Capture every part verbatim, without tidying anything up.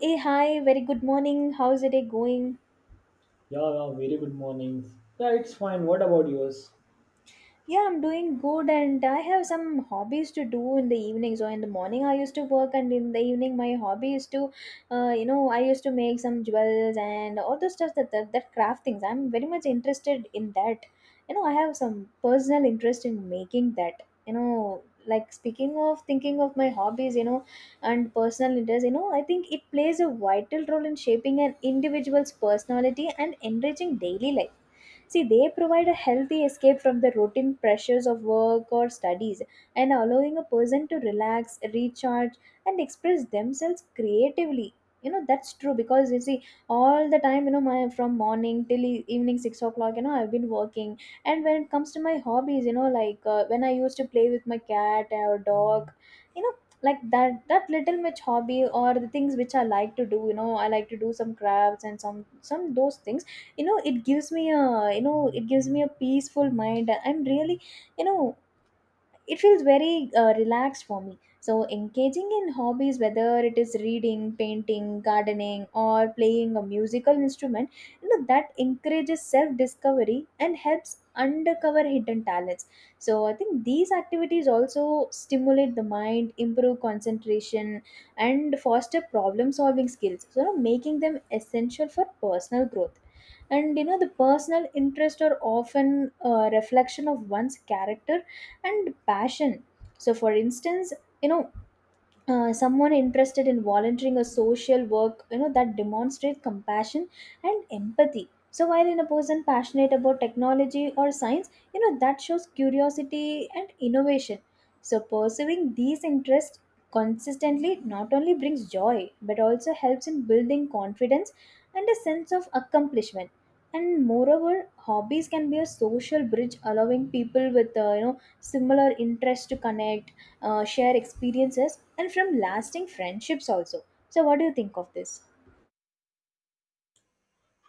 Hey, hi, very good morning. How's the day going? Yeah, yeah, very good mornings. Yeah, it's fine. What about yours? Yeah, I'm doing good and I have some hobbies to do in the evening. So in the morning I used to work and in the evening my hobby is to uh, you know, I used to make some jewels and all the stuff, that, that that craft things. I'm very much interested in that. You know, I have some personal interest in making that. You know, like speaking of thinking of my hobbies, you know, and personal interest, you know, I think it plays a vital role in shaping an individual's personality and enriching daily life. See, they provide a healthy escape from the routine pressures of work or studies, and allowing a person to relax, recharge, and express themselves creatively. You know, that's true because you see, all the time, you know, my from morning till e- evening six o'clock, you know, I've been working. And when it comes to my hobbies, you know, like uh, when I used to play with my cat or dog, you know, like that that little much hobby or the things which I like to do. You know, I like to do some crafts and some some those things. You know, it gives me a, you know, it gives me a peaceful mind. I'm really, you know, it feels very uh, relaxed for me. So engaging in hobbies, whether it is reading, painting, gardening or playing a musical instrument, you know, that encourages self discovery and helps uncover hidden talents. So I think these activities also stimulate the mind, improve concentration, and foster problem solving skills. So, you know, making them essential for personal growth. And you know, the personal interests are often a reflection of one's character and passion. So for instance, you know, uh, someone interested in volunteering or social work, you know, that demonstrates compassion and empathy. So while in a person passionate about technology or science, you know, that shows curiosity and innovation. So pursuing these interests consistently not only brings joy but also helps in building confidence and a sense of accomplishment. And moreover, hobbies can be a social bridge, allowing people with uh, you know, similar interests to connect, uh, share experiences, and from lasting friendships also. So, what do you think of this?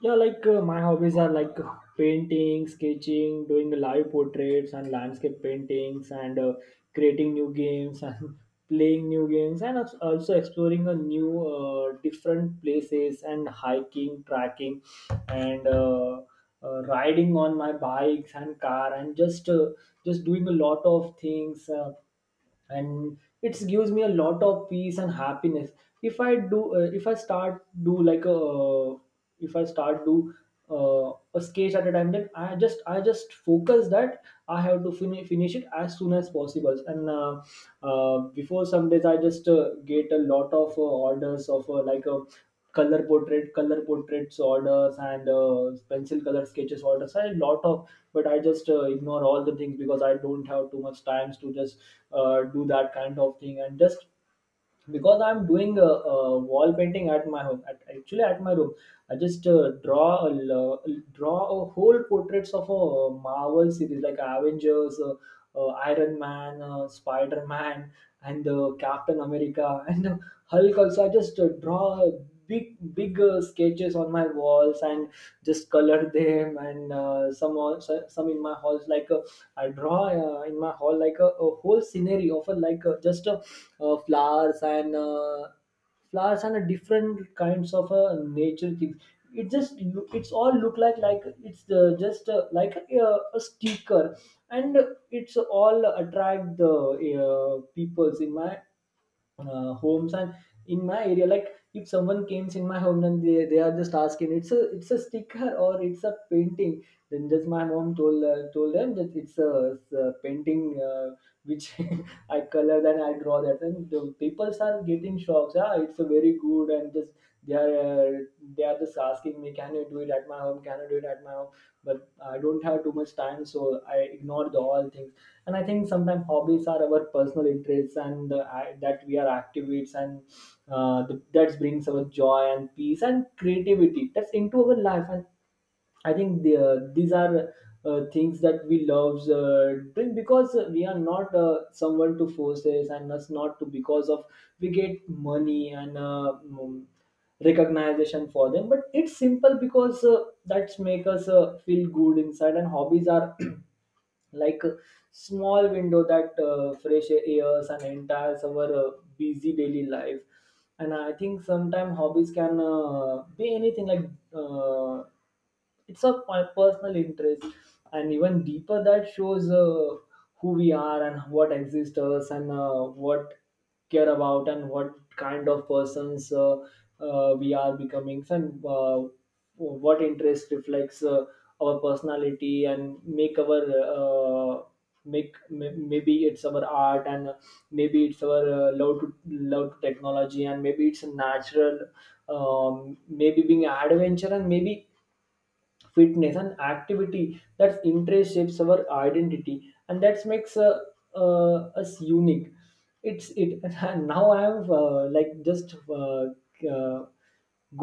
Yeah, like uh, my hobbies are like painting, sketching, doing live portraits and landscape paintings, and uh, creating new games and playing new games, and als- also exploring a new uh, different places and hiking, tracking, and uh, uh, riding on my bikes and car, and just uh, just doing a lot of things. Uh, and it gives me a lot of peace and happiness. If I do uh, if I start do like a If I start do uh, a sketch at a time, then i just i just focus that I have to fin- finish it as soon as possible. And uh, uh, before some days I just uh, get a lot of uh, orders of uh, like a color portrait color portraits orders and uh, pencil color sketches orders. I had a lot of, but I just uh, ignore all the things because I don't have too much times to just uh, do that kind of thing, and just because I'm doing a, a wall painting at my home, at, actually at my room. I just uh, draw a lo- draw a whole portraits of a Marvel series like Avengers, uh, uh, Iron Man, uh, Spider Man, and uh, Captain America, and uh, Hulk also. I just uh, draw big big uh, sketches on my walls and just color them, and uh, some also, some in my halls. like uh, I draw uh, in my hall like a, a whole scenery of a like uh, just uh, uh, flowers and uh, flowers and a different kinds of uh, nature things. It just look, it's all look like like it's uh, just uh, like a, a sticker. And it's all attract the uh, peoples in my uh, homes and in my area. Like if someone comes in my home, then they, they are just asking, it's a it's a sticker or it's a painting. Then just my mom told uh, told them that it's a, it's a painting, uh, which I color, then I draw that, and the people are getting shocks. Ah, it's a very good. And just they are uh, they are just asking me, "Can you do it at my home? Can you do it at my home?" But I don't have too much time, so I ignore the all things. And I think sometimes hobbies are our personal interests, and uh, I, that we are activates, and uh, th- that brings our joy and peace and creativity. That's into our life, and I think the, uh, these are uh, things that we love uh, doing, because we are not uh, someone to force this and us not to, because of we get money and uh, mm, recognition for them. But it's simple because uh, that's make us uh, feel good inside. And hobbies are like a small window that uh, fresh airs and enters our uh, busy daily life. And I think sometimes hobbies can uh, be anything, like uh, it's a my personal interest and even deeper that shows uh, who we are and what exists us, and uh, what care about, and what kind of persons uh, uh, we are becoming, and uh, what interest reflects uh, our personality and make our uh, make may- maybe it's our art, and maybe it's our uh, love to love to technology, and maybe it's natural, um, maybe being adventure, and maybe fitness and activity. That's interest shapes our identity and that makes uh, uh, us unique. It's it And now I have uh, like just uh, uh,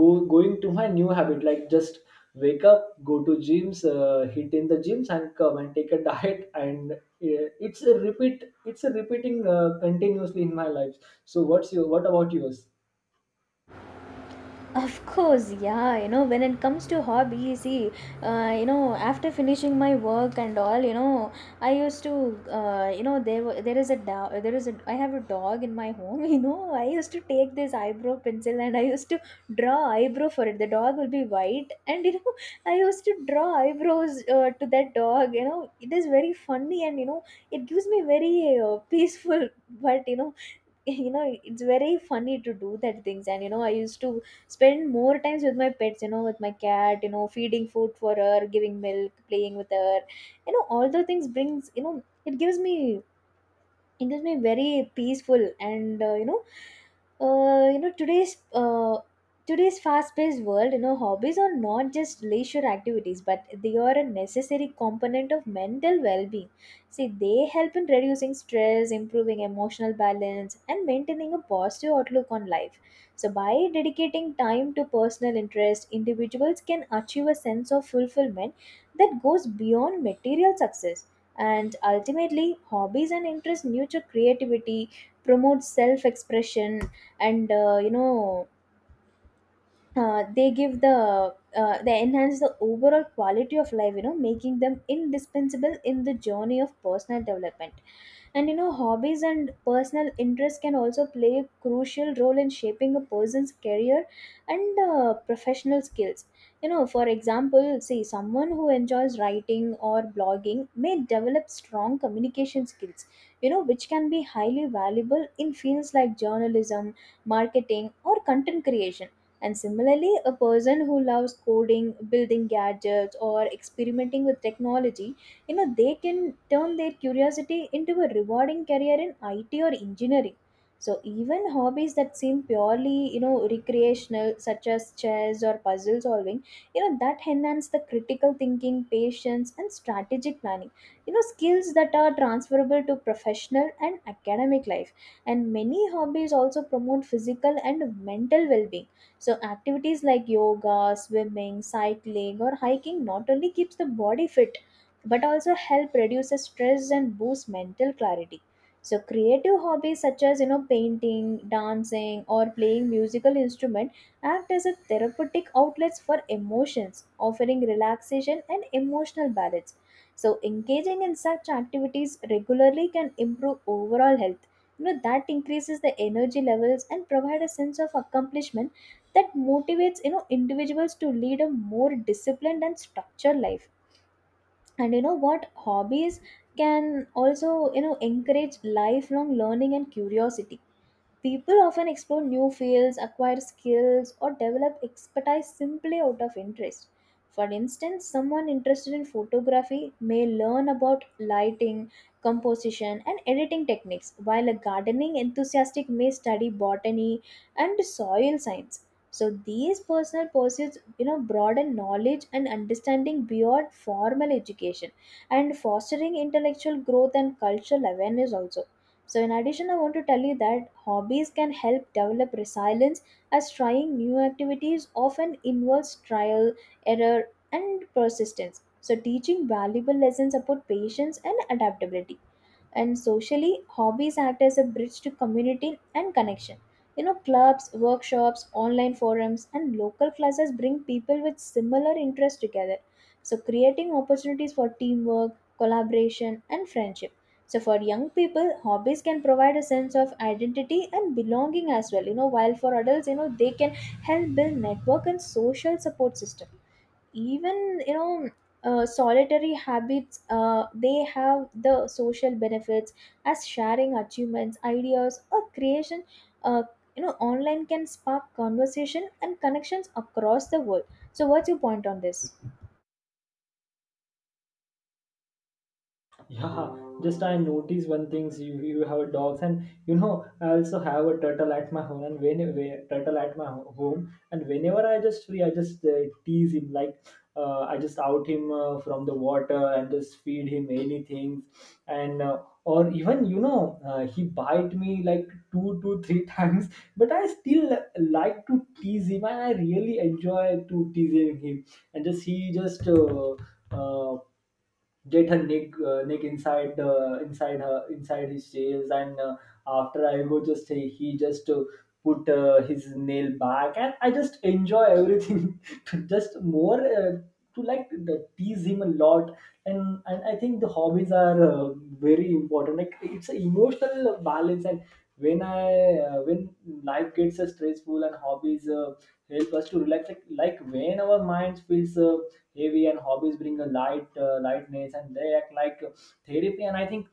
go going to my new habit, like just wake up, go to gyms, uh, hit in the gyms, and come and take a diet. And uh, it's a repeat it's a repeating uh, continuously in my life. So what's your what about yours? Of course, yeah, you know, when it comes to hobbies, see, uh, you know, after finishing my work and all, you know, I used to, uh, you know, there wa- there is a dog, there is a, I have a dog in my home, you know, I used to take this eyebrow pencil and I used to draw eyebrow for it. The dog will be white, and you know, I used to draw eyebrows uh, to that dog. You know, it is very funny, and you know, it gives me very uh, peaceful, but you know, you know, it's very funny to do that things. And you know, I used to spend more times with my pets, you know, with my cat, you know, feeding food for her, giving milk, playing with her. You know, all the things brings, you know, it gives me, it gives me very peaceful. And uh, you know, uh, you know, today's uh, today's fast-paced world, you know, hobbies are not just leisure activities but they are a necessary component of mental well-being. See, they help in reducing stress, improving emotional balance, and maintaining a positive outlook on life. So by dedicating time to personal interest, individuals can achieve a sense of fulfillment that goes beyond material success. And ultimately, hobbies and interests nurture creativity, promote self expression, and uh, you know, uh, they give the uh, they enhance the overall quality of life, you know, making them indispensable in the journey of personal development. And you know, hobbies and personal interests can also play a crucial role in shaping a person's career and uh, professional skills. You know, for example, see, someone who enjoys writing or blogging may develop strong communication skills, you know, which can be highly valuable in fields like journalism, marketing or content creation. And similarly, a person who loves coding, building gadgets, or experimenting with technology, you know, they can turn their curiosity into a rewarding career in I T or engineering. So even hobbies that seem purely, you know, recreational, such as chess or puzzle solving, you know, that enhance the critical thinking, patience, and strategic planning. You know, skills that are transferable to professional and academic life. And many hobbies also promote physical and mental well-being. So activities like yoga, swimming, cycling or hiking not only keeps the body fit but also help reduce the stress and boost mental clarity. So creative hobbies such as, you know, painting, dancing or playing musical instrument act as a therapeutic outlets for emotions, offering relaxation and emotional balance. So engaging in such activities regularly can improve overall health. You know, that increases the energy levels and provide a sense of accomplishment that motivates, you know, individuals to lead a more disciplined and structured life. And you know what, hobbies can also, you know, encourage lifelong learning and curiosity. People often explore new fields, acquire skills, or develop expertise simply out of interest. For instance, someone interested in photography may learn about lighting, composition, and editing techniques, while a gardening enthusiast may study botany and soil science. So these personal pursuits, you know, broaden knowledge and understanding beyond formal education, and fostering intellectual growth and cultural awareness also. So, in addition, I want to tell you that hobbies can help develop resilience, as trying new activities often involves trial, error, and persistence. So, teaching valuable lessons about patience and adaptability. And socially, hobbies act as a bridge to community and connection. You know, clubs, workshops, online forums and local classes bring people with similar interests together, so creating opportunities for teamwork, collaboration and friendship. So for young people, hobbies can provide a sense of identity and belonging as well. You know, while for adults, you know, they can help build network and social support system. Even, you know, uh, solitary habits, uh, they have the social benefits, as sharing achievements, ideas or creation, uh, you know, online can spark conversation and connections across the world. So what's your point on this? Yeah, just I noticed one things. You you have dogs, and you know I also have a turtle at my home. And when when- turtle at my ho- home. And whenever I just free, I just uh, tease him, like uh, I just out him uh, from the water and just feed him anything. And uh, Or even you know uh, he bite me like two to three times, but I still like to tease him, and I really enjoy to teasing him. And just he just. Uh, uh, get her neck, uh, neck inside, uh, inside her, inside his tails. And uh, after I go, just he, he just uh, put uh, his nail back, and I just enjoy everything to just more, uh, to like the, tease him a lot. And, and I think the hobbies are uh, very important, like it's an emotional balance. And when i uh, when life gets uh, stressful, and hobbies uh, help us to relax. Like, like when our minds feels uh, heavy, and hobbies bring a light uh, lightness, and they act like uh, therapy. And I think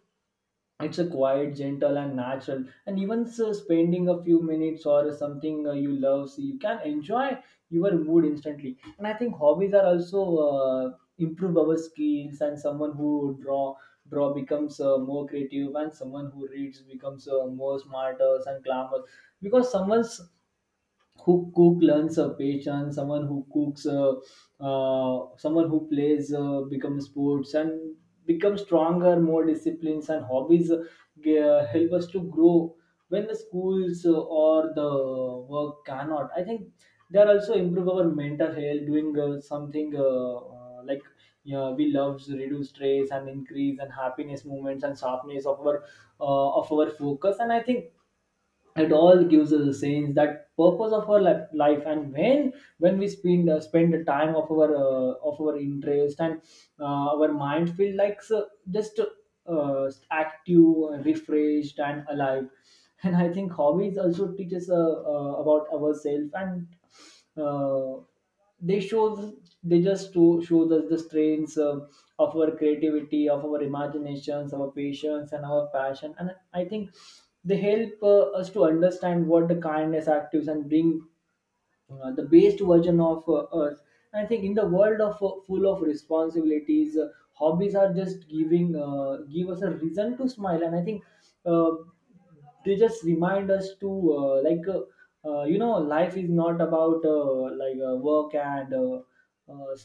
it's a quiet, gentle, and natural, and even so, spending a few minutes or something uh, you love, so you can enjoy your mood instantly. And I think hobbies are also uh, improve our skills, and someone who draw draw becomes uh, more creative, and someone who reads becomes uh, more smarter and glamorous, because someone's who cook learns a passion. Someone who cooks uh, uh, someone who plays uh, becomes sports and becomes stronger, more disciplines. And hobbies uh, g- uh, help us to grow when the schools uh, or the work cannot. I think they are also improve our mental health, doing uh, something uh, uh, like yeah, we love, reduce stress and increase and happiness moments and sharpness of our uh, of our focus. And I think it all gives us a sense that purpose of our li- life. And when when we spend uh, spend the time of our uh, of our interest, and uh, our mind feel like, so just uh, active, refreshed, and alive. And I think hobbies also teaches uh, uh, about ourselves, and uh, they show they just to show us the strengths uh, of our creativity, of our imaginations, our patience, and our passion. And I think they help uh, us to understand what the kindness actives and bring uh, the best version of uh, us. And I think in the world of uh, full of responsibilities, uh, hobbies are just giving uh, give us a reason to smile. And I think uh, they just remind us to uh, like uh, uh, you know life is not about uh, like uh, work and uh, uh,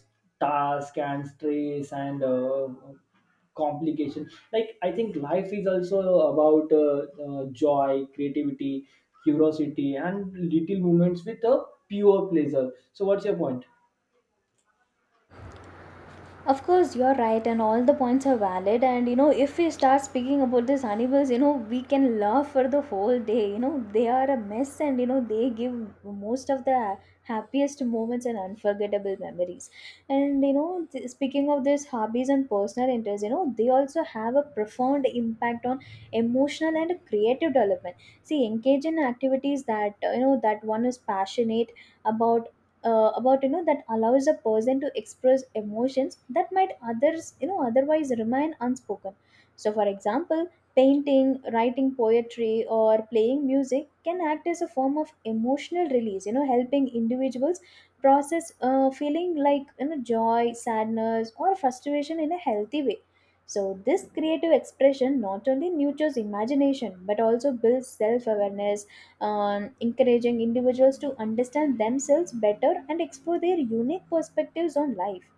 task and stress and uh, complication. Like, I think life is also about uh, uh, joy, creativity, curiosity, and little moments with a pure pleasure. So what's your point? Of course, you're right, and all the points are valid. And you know, if we start speaking about these animals, you know, we can laugh for the whole day. You know, they are a mess, and you know, they give most of the happiest moments and unforgettable memories. And you know, th- speaking of these hobbies and personal interests, you know, they also have a profound impact on emotional and creative development. See, engage in activities that uh, you know, that one is passionate about uh, about you know, that allows a person to express emotions that might others, you know, otherwise remain unspoken. So for example, painting, writing poetry or playing music can act as a form of emotional release, you know, helping individuals process uh, feeling like, you know, joy, sadness or frustration in a healthy way. So this creative expression not only nurtures imagination but also builds self awareness, um, encouraging individuals to understand themselves better and explore their unique perspectives on life.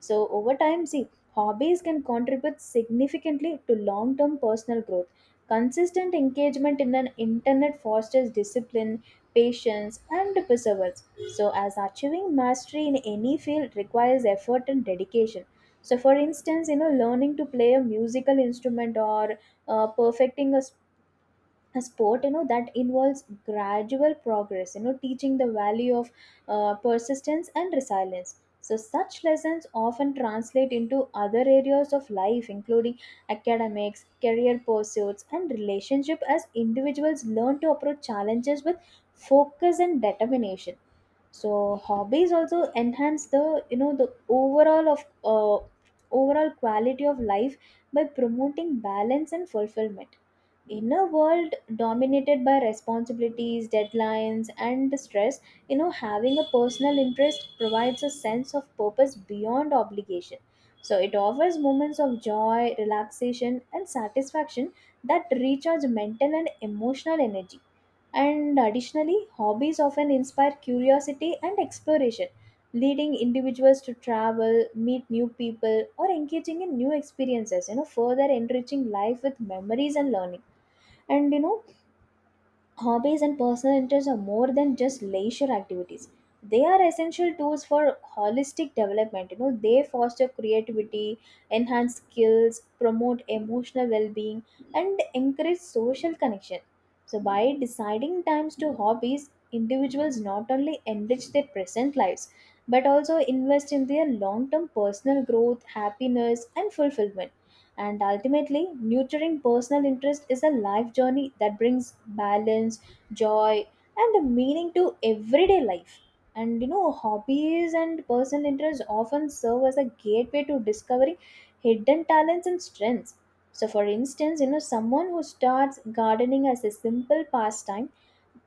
So, over time, see, hobbies can contribute significantly to long term personal growth. Consistent engagement in an internet fosters discipline, patience, and perseverance. So, as achieving mastery in any field requires effort and dedication. So, for instance, you know, learning to play a musical instrument or uh, perfecting a a sport, you know, that involves gradual progress, you know, teaching the value of uh, persistence and resilience. So such lessons often translate into other areas of life, including academics, career pursuits and relationship, as individuals learn to approach challenges with focus and determination. So hobbies also enhance the, you know, the overall of uh, overall quality of life by promoting balance and fulfillment. In a world dominated by responsibilities, deadlines and stress, you know, having a personal interest provides a sense of purpose beyond obligation. So it offers moments of joy, relaxation and satisfaction that recharge mental and emotional energy. And additionally, hobbies often inspire curiosity and exploration, leading individuals to travel, meet new people, or engaging in new experiences, you know, further enriching life with memories and learning. And you know, hobbies and personal interests are more than just leisure activities. They are essential tools for holistic development. You know, they foster creativity, enhance skills, promote emotional well-being, and encourage social connection. So by deciding times to hobbies, individuals not only enrich their present lives but also invest in their long-term personal growth, happiness, and fulfillment. And ultimately, nurturing personal interest is a life journey that brings balance, joy, and meaning to everyday life. And you know, hobbies and personal interests often serve as a gateway to discovering hidden talents and strengths. So, for instance, you know, someone who starts gardening as a simple pastime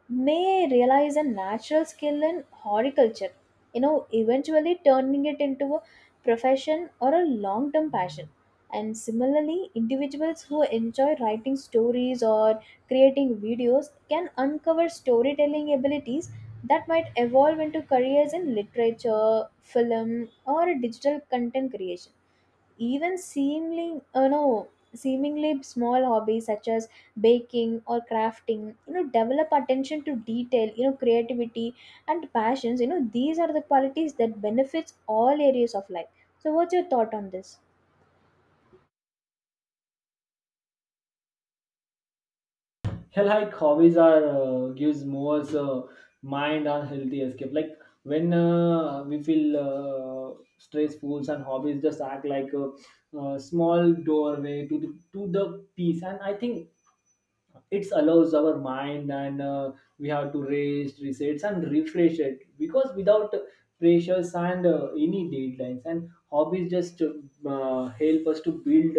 may realize a natural skill in horticulture, you know, eventually turning it into a profession or a long term passion. And similarly, individuals who enjoy writing stories or creating videos can uncover storytelling abilities that might evolve into careers in literature, film, or digital content creation. Even seemingly you know, seemingly small hobbies such as baking or crafting, you know, develop attention to detail, you know, creativity and passions. You know, these are the qualities that benefits all areas of life. So what's your thought on this? Hell, like hobbies are uh, gives more uh, mind and healthy escape. Like when uh, we feel uh, stressful, and hobbies just act like a, uh small doorway to the to the peace. And I think it allows our mind, and uh, we have to rest resets and refresh it, because without pressures and uh, any deadlines. And hobbies just uh, help us to build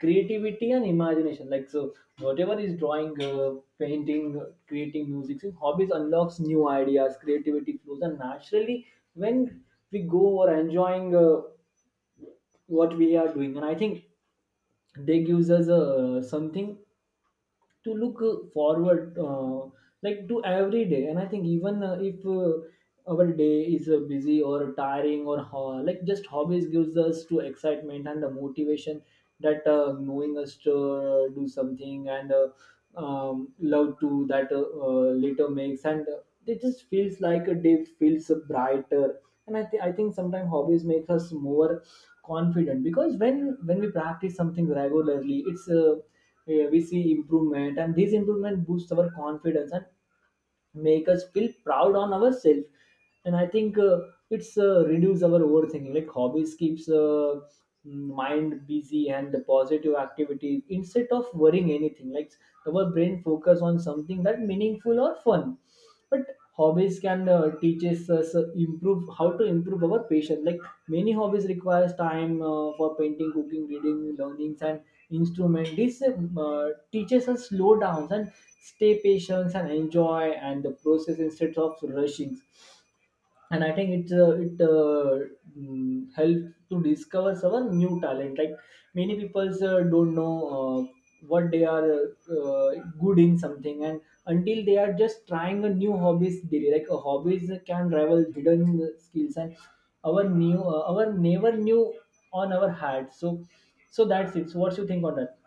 creativity and imagination. Like, so whatever is drawing, uh, painting, uh, creating music, so hobbies unlocks new ideas, creativity flows, and naturally when we go or enjoying uh, what we are doing. And I think they gives us uh, something to look uh, forward, uh, like to every day. And I think even uh, if uh, our day is uh, busy or tiring, or ho- like just hobbies gives us to excitement and the motivation, that uh, knowing us to uh, do something, and uh, um, love to that uh, uh, later makes and uh, It just feels like a day feels uh, brighter. And I, th- I think sometimes hobbies make us more confident, because when when we practice something regularly, it's uh, yeah, we see improvement, and these improvement boosts our confidence and make us feel proud on ourselves. And I think uh, it's uh, reduce our overthinking. Like hobbies keeps uh, mm, mind busy and the positive activities, instead of worrying anything. Like our brain focus on something that meaningful or fun, but hobbies can uh, teach us us, uh, so improve how to improve our patience. Like many hobbies requires time, uh, for painting, cooking, reading, learnings, and instrument. This uh, teaches us slow down and stay patient and enjoy and the process instead of rushing. And I think it's uh, it uh, mm, helped to discover some new talent. Like many people uh, don't know uh, what they are uh, good in something, and until they are just trying a new hobbies daily. Like a hobbies can rival hidden skills, and our new uh, our never knew on our heart. So, so that's it. So what's your think on that?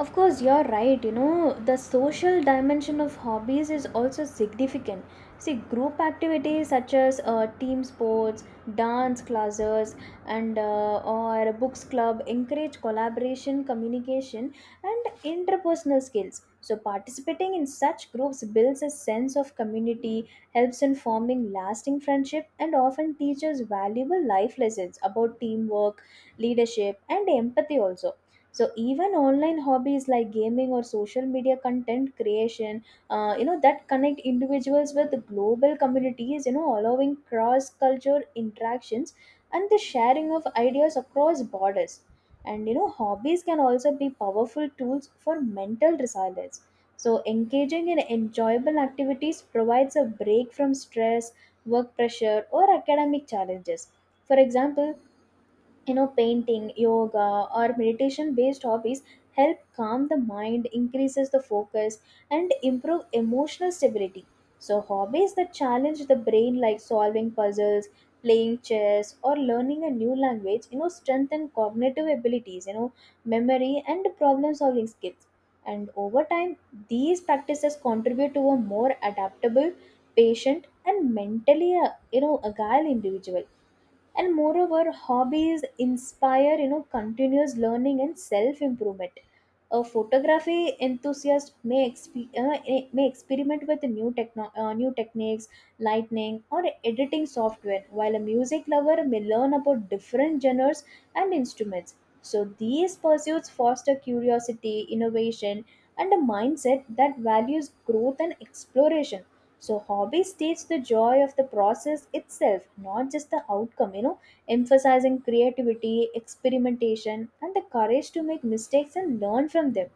Of course, you're right. You know, the social dimension of hobbies is also significant. See, group activities such as uh, team sports, dance classes, and uh, or books club encourage collaboration, communication, and interpersonal skills. So, participating in such groups builds a sense of community, helps in forming lasting friendship, and often teaches valuable life lessons about teamwork, leadership, and empathy also. So even online hobbies like gaming or social media content creation, uh, you know, that connect individuals with global communities, you know, allowing cross culture interactions and the sharing of ideas across borders. And you know, hobbies can also be powerful tools for mental resilience. So engaging in enjoyable activities provides a break from stress, work pressure, or academic challenges. For example, you know, painting, yoga, or meditation based hobbies help calm the mind, increases the focus, and improve emotional stability. So hobbies that challenge the brain like solving puzzles, playing chess, or learning a new language, you know, strengthen cognitive abilities, you know, memory and problem solving skills. And over time, these practices contribute to a more adaptable, patient, and mentally uh, you know, agile individual. And moreover, hobbies inspire, you know, continuous learning and self improvement. A photography enthusiast may, exp- uh, eh, may experiment with new techno- uh, new techniques, lighting, or editing software, while a music lover may learn about different genres and instruments. So these pursuits foster curiosity, innovation, and a mindset that values growth and exploration. So hobbies teach the joy of the process itself, not just the outcome, you know, emphasizing creativity, experimentation, and the courage to make mistakes and learn from them.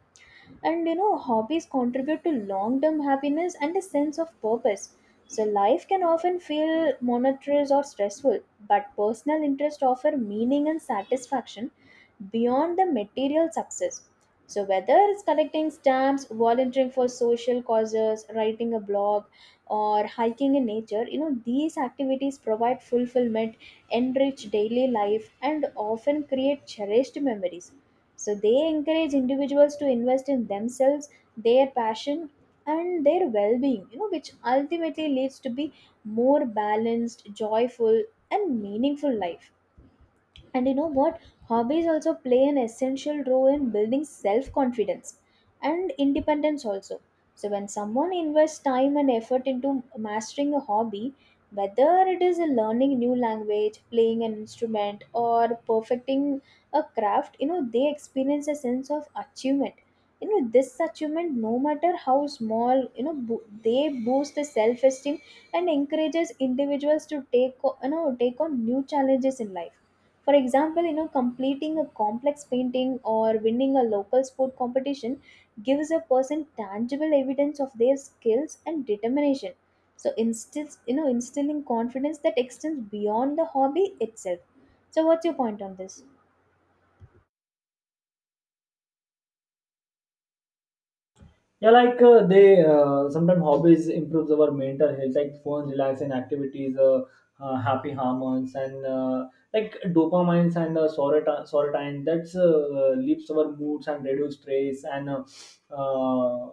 And you know, hobbies contribute to long term happiness and a sense of purpose. So life can often feel monotonous or stressful, but personal interests offer meaning and satisfaction beyond the material success. So whether it's collecting stamps, volunteering for social causes, writing a blog, or hiking in nature, you know, these activities provide fulfillment, enrich daily life, and often create cherished memories. So they encourage individuals to invest in themselves, their passion, and their well-being, you know, which ultimately leads to be more balanced, joyful, and meaningful life. And you know what? Hobbies also play an essential role in building self confidence and independence also. So, when someone invests time and effort into mastering a hobby, whether it is a learning new language, playing an instrument, or perfecting a craft, you know, they experience a sense of achievement. You know, this achievement, no matter how small, you know, bo- they boost the self esteem and encourages individuals to take, o- you know, take on new challenges in life. For example, you know, completing a complex painting or winning a local sport competition gives a person tangible evidence of their skills and determination. So instills, you know, instilling confidence that extends beyond the hobby itself. So what's your point on this? Yeah, like uh, they uh, sometimes hobbies improves our mental health, like fun, relaxing activities, uh, uh, happy hormones, and uh, like dopamines and uh, sorota- serotonin. That's uh, lifts our moods and reduce stress and uh, uh,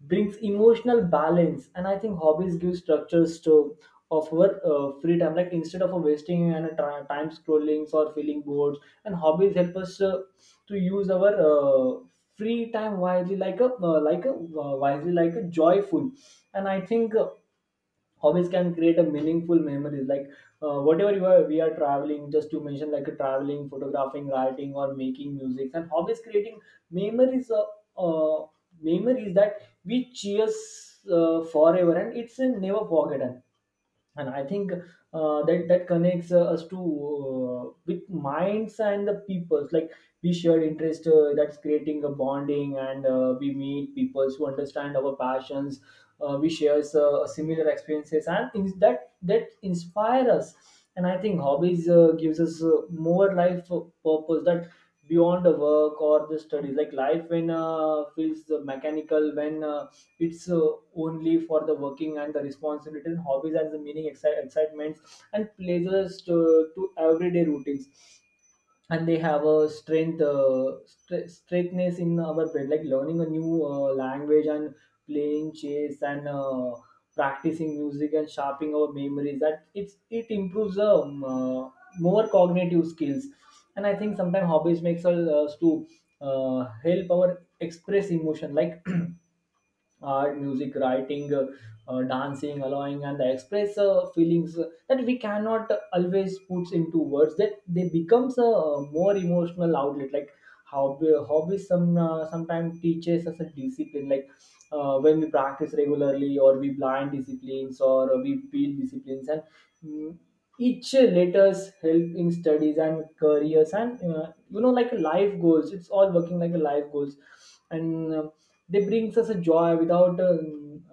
brings emotional balance. And I think hobbies give structures to of our uh, free time. Like instead of uh, wasting and uh, tri- time scrolling or feeling bored, and hobbies help us. Uh, to use our uh, free time wisely like a uh, like a uh, wisely like a joyful. And I think uh, hobbies can create a meaningful memories, like uh, whatever you are, we are traveling, just to mention like a traveling, photographing, writing or making music. And hobbies creating memories uh, uh, memories that we cheers uh, forever and it's a never forgotten. And I think uh, that that connects uh, us to uh, with minds and the peoples, like we share interest uh, that's creating a bonding. And uh, we meet people who understand our passions. Uh, we share uh, similar experiences and things that that inspire us. And I think hobbies uh, gives us uh, more life purpose that beyond the work or the studies. Like life when uh, feels mechanical, when uh, it's uh, only for the working and the responsibility. And hobbies as the meaning exci- excitements and pleasures to, to everyday routines. And they have a strength uh, stre- straightness in our brain, like learning a new uh, language and playing chess and uh, practicing music and sharpening our memories, that it's it improves um, uh, more cognitive skills. And I think sometimes hobbies makes us uh, to uh, help our express emotion, like art, music, writing, uh, uh, dancing, allowing, and the express uh, feelings uh, that we cannot always put into words. That they becomes a more emotional outlet. Like how uh, hobbies some uh, sometimes teaches us a discipline. Like uh, when we practice regularly, or we blind disciplines, or we build disciplines and mm, each letters help in studies and careers and uh, you know, like life goals, it's all working like a life goals. And um they brings us a joy without uh,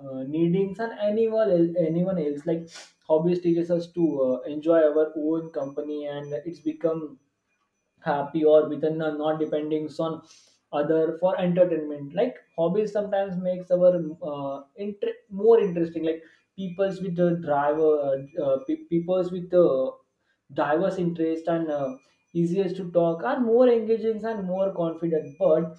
uh, needing and anyone el- anyone else. Like hobbies teaches us to uh, enjoy our own company, and it's become happy or within, uh, not depending on other for entertainment. Like hobbies sometimes makes our uh, inter- more interesting. Like peoples with the driver uh, pe- peoples with the diverse interest and uh, easiest to talk are more engaging and more confident. But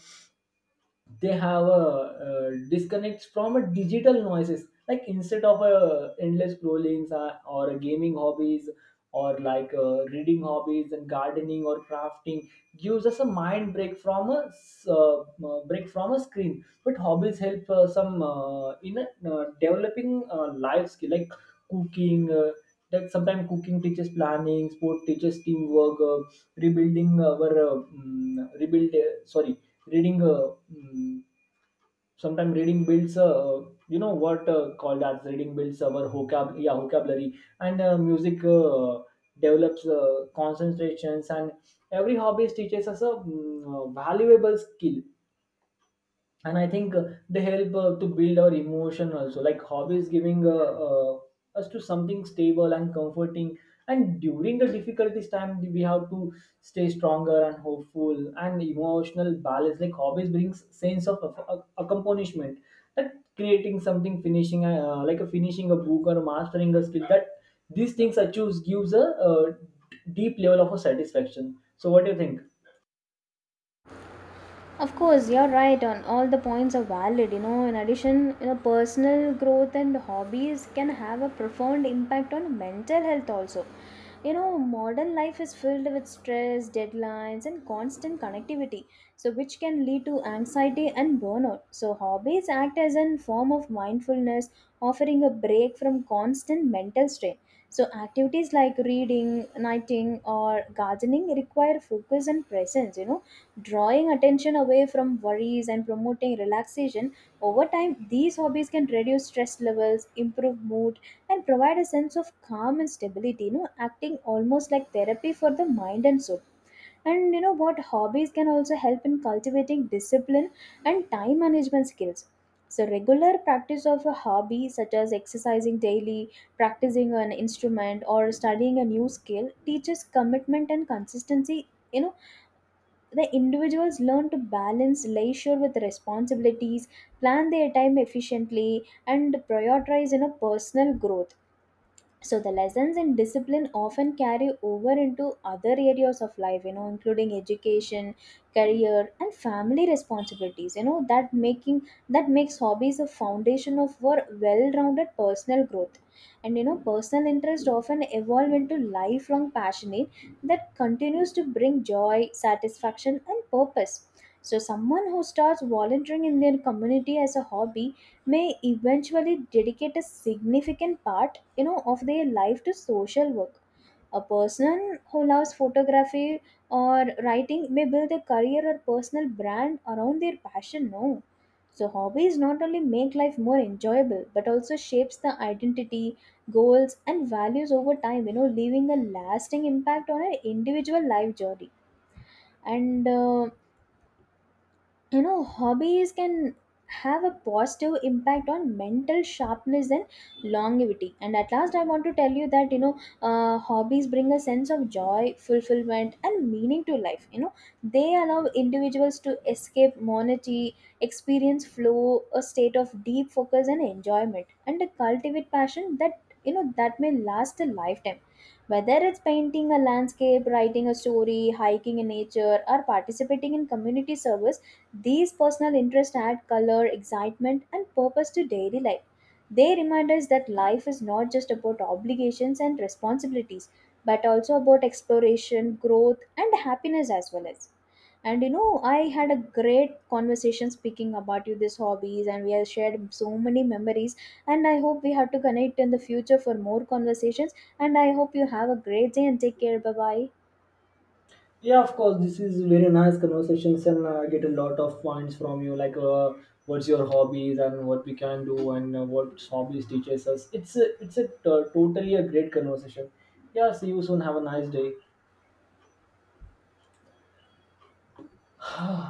they have a uh, disconnect from a digital noises, like instead of a endless scrollings uh, or a gaming hobbies, or like uh, reading hobbies and gardening or crafting, gives us a mind break from a s- uh, uh, break from a screen. But hobbies help uh, some uh, in a, uh, developing uh, life skill, like cooking uh, that sometimes cooking teaches planning, sport teaches teamwork, uh, rebuilding our uh, mm, rebuild uh, sorry, reading uh, mm, sometimes reading builds uh, you know what uh, called as reading builds our vocab yeah vocabulary. And uh, music uh, develops uh, concentrations. And every hobby teaches us a mm, uh, valuable skill. And I think uh, they help uh, to build our emotion also, like hobbies giving uh, uh, us to something stable and comforting. And during the difficulties time, we have to stay stronger and hopeful and emotional balance. Like hobbies brings sense of ac- ac- accomplishment, that creating something, finishing uh, like a finishing a book or mastering a skill, that these things I choose gives a uh, deep level of a satisfaction. So what do you think? Of course, you're right on all the points are valid. You know, in addition, you know, personal growth and hobbies can have a profound impact on mental health also. You know, modern life is filled with stress, deadlines, and constant connectivity, so which can lead to anxiety and burnout. So hobbies act as a form of mindfulness, offering a break from constant mental strain. So activities like reading, writing, or gardening require focus and presence, you know, drawing attention away from worries and promoting relaxation. Over time, these hobbies can reduce stress levels, improve mood, and provide a sense of calm and stability, you know, acting almost like therapy for the mind and soul. And you know what? Hobbies can also help in cultivating discipline and time management skills. So, regular practice of a hobby, such as exercising daily, practicing an instrument, or studying a new skill, teaches commitment and consistency. You know, the individuals learn to balance leisure with responsibilities, plan their time efficiently, and prioritize, you know, personal growth. So the lessons in discipline often carry over into other areas of life, you know, including education, career, and family responsibilities, you know, that making that makes hobbies a foundation of for well-rounded personal growth. And you know, personal interest often evolve into lifelong passionate that continues to bring joy, satisfaction, and purpose. So someone who starts volunteering in their community as a hobby may eventually dedicate a significant part, you know, of their life to social work. A person who loves photography or writing may build a career or personal brand around their passion, no. So hobbies not only make life more enjoyable but also shapes the identity, goals, and values over time, you know, leaving a lasting impact on an individual life journey. And uh, you know, hobbies can have a positive impact on mental sharpness and longevity. And at last I want to tell you that, you know, uh, hobbies bring a sense of joy, fulfillment, and meaning to life. You know, they allow individuals to escape monotony, experience flow, a state of deep focus and enjoyment, and to cultivate passion that, you know, that may last a lifetime. Whether it's painting a landscape, writing a story, hiking in nature, or participating in community service, these personal interests add color, excitement, and purpose to daily life. They remind us that life is not just about obligations and responsibilities, but also about exploration, growth, and happiness as well as. And you know, I had a great conversation speaking about you these hobbies, and we have shared so many memories. And I hope we have to connect in the future for more conversations. And I hope you have a great day and take care. Bye bye. Yeah, of course. This is very nice conversations, and uh, I get a lot of points from you. Like, uh, what's your hobbies and what we can do, and uh, what hobbies teaches us. It's a, it's a uh, totally a great conversation. Yeah. See you soon. Have a nice day.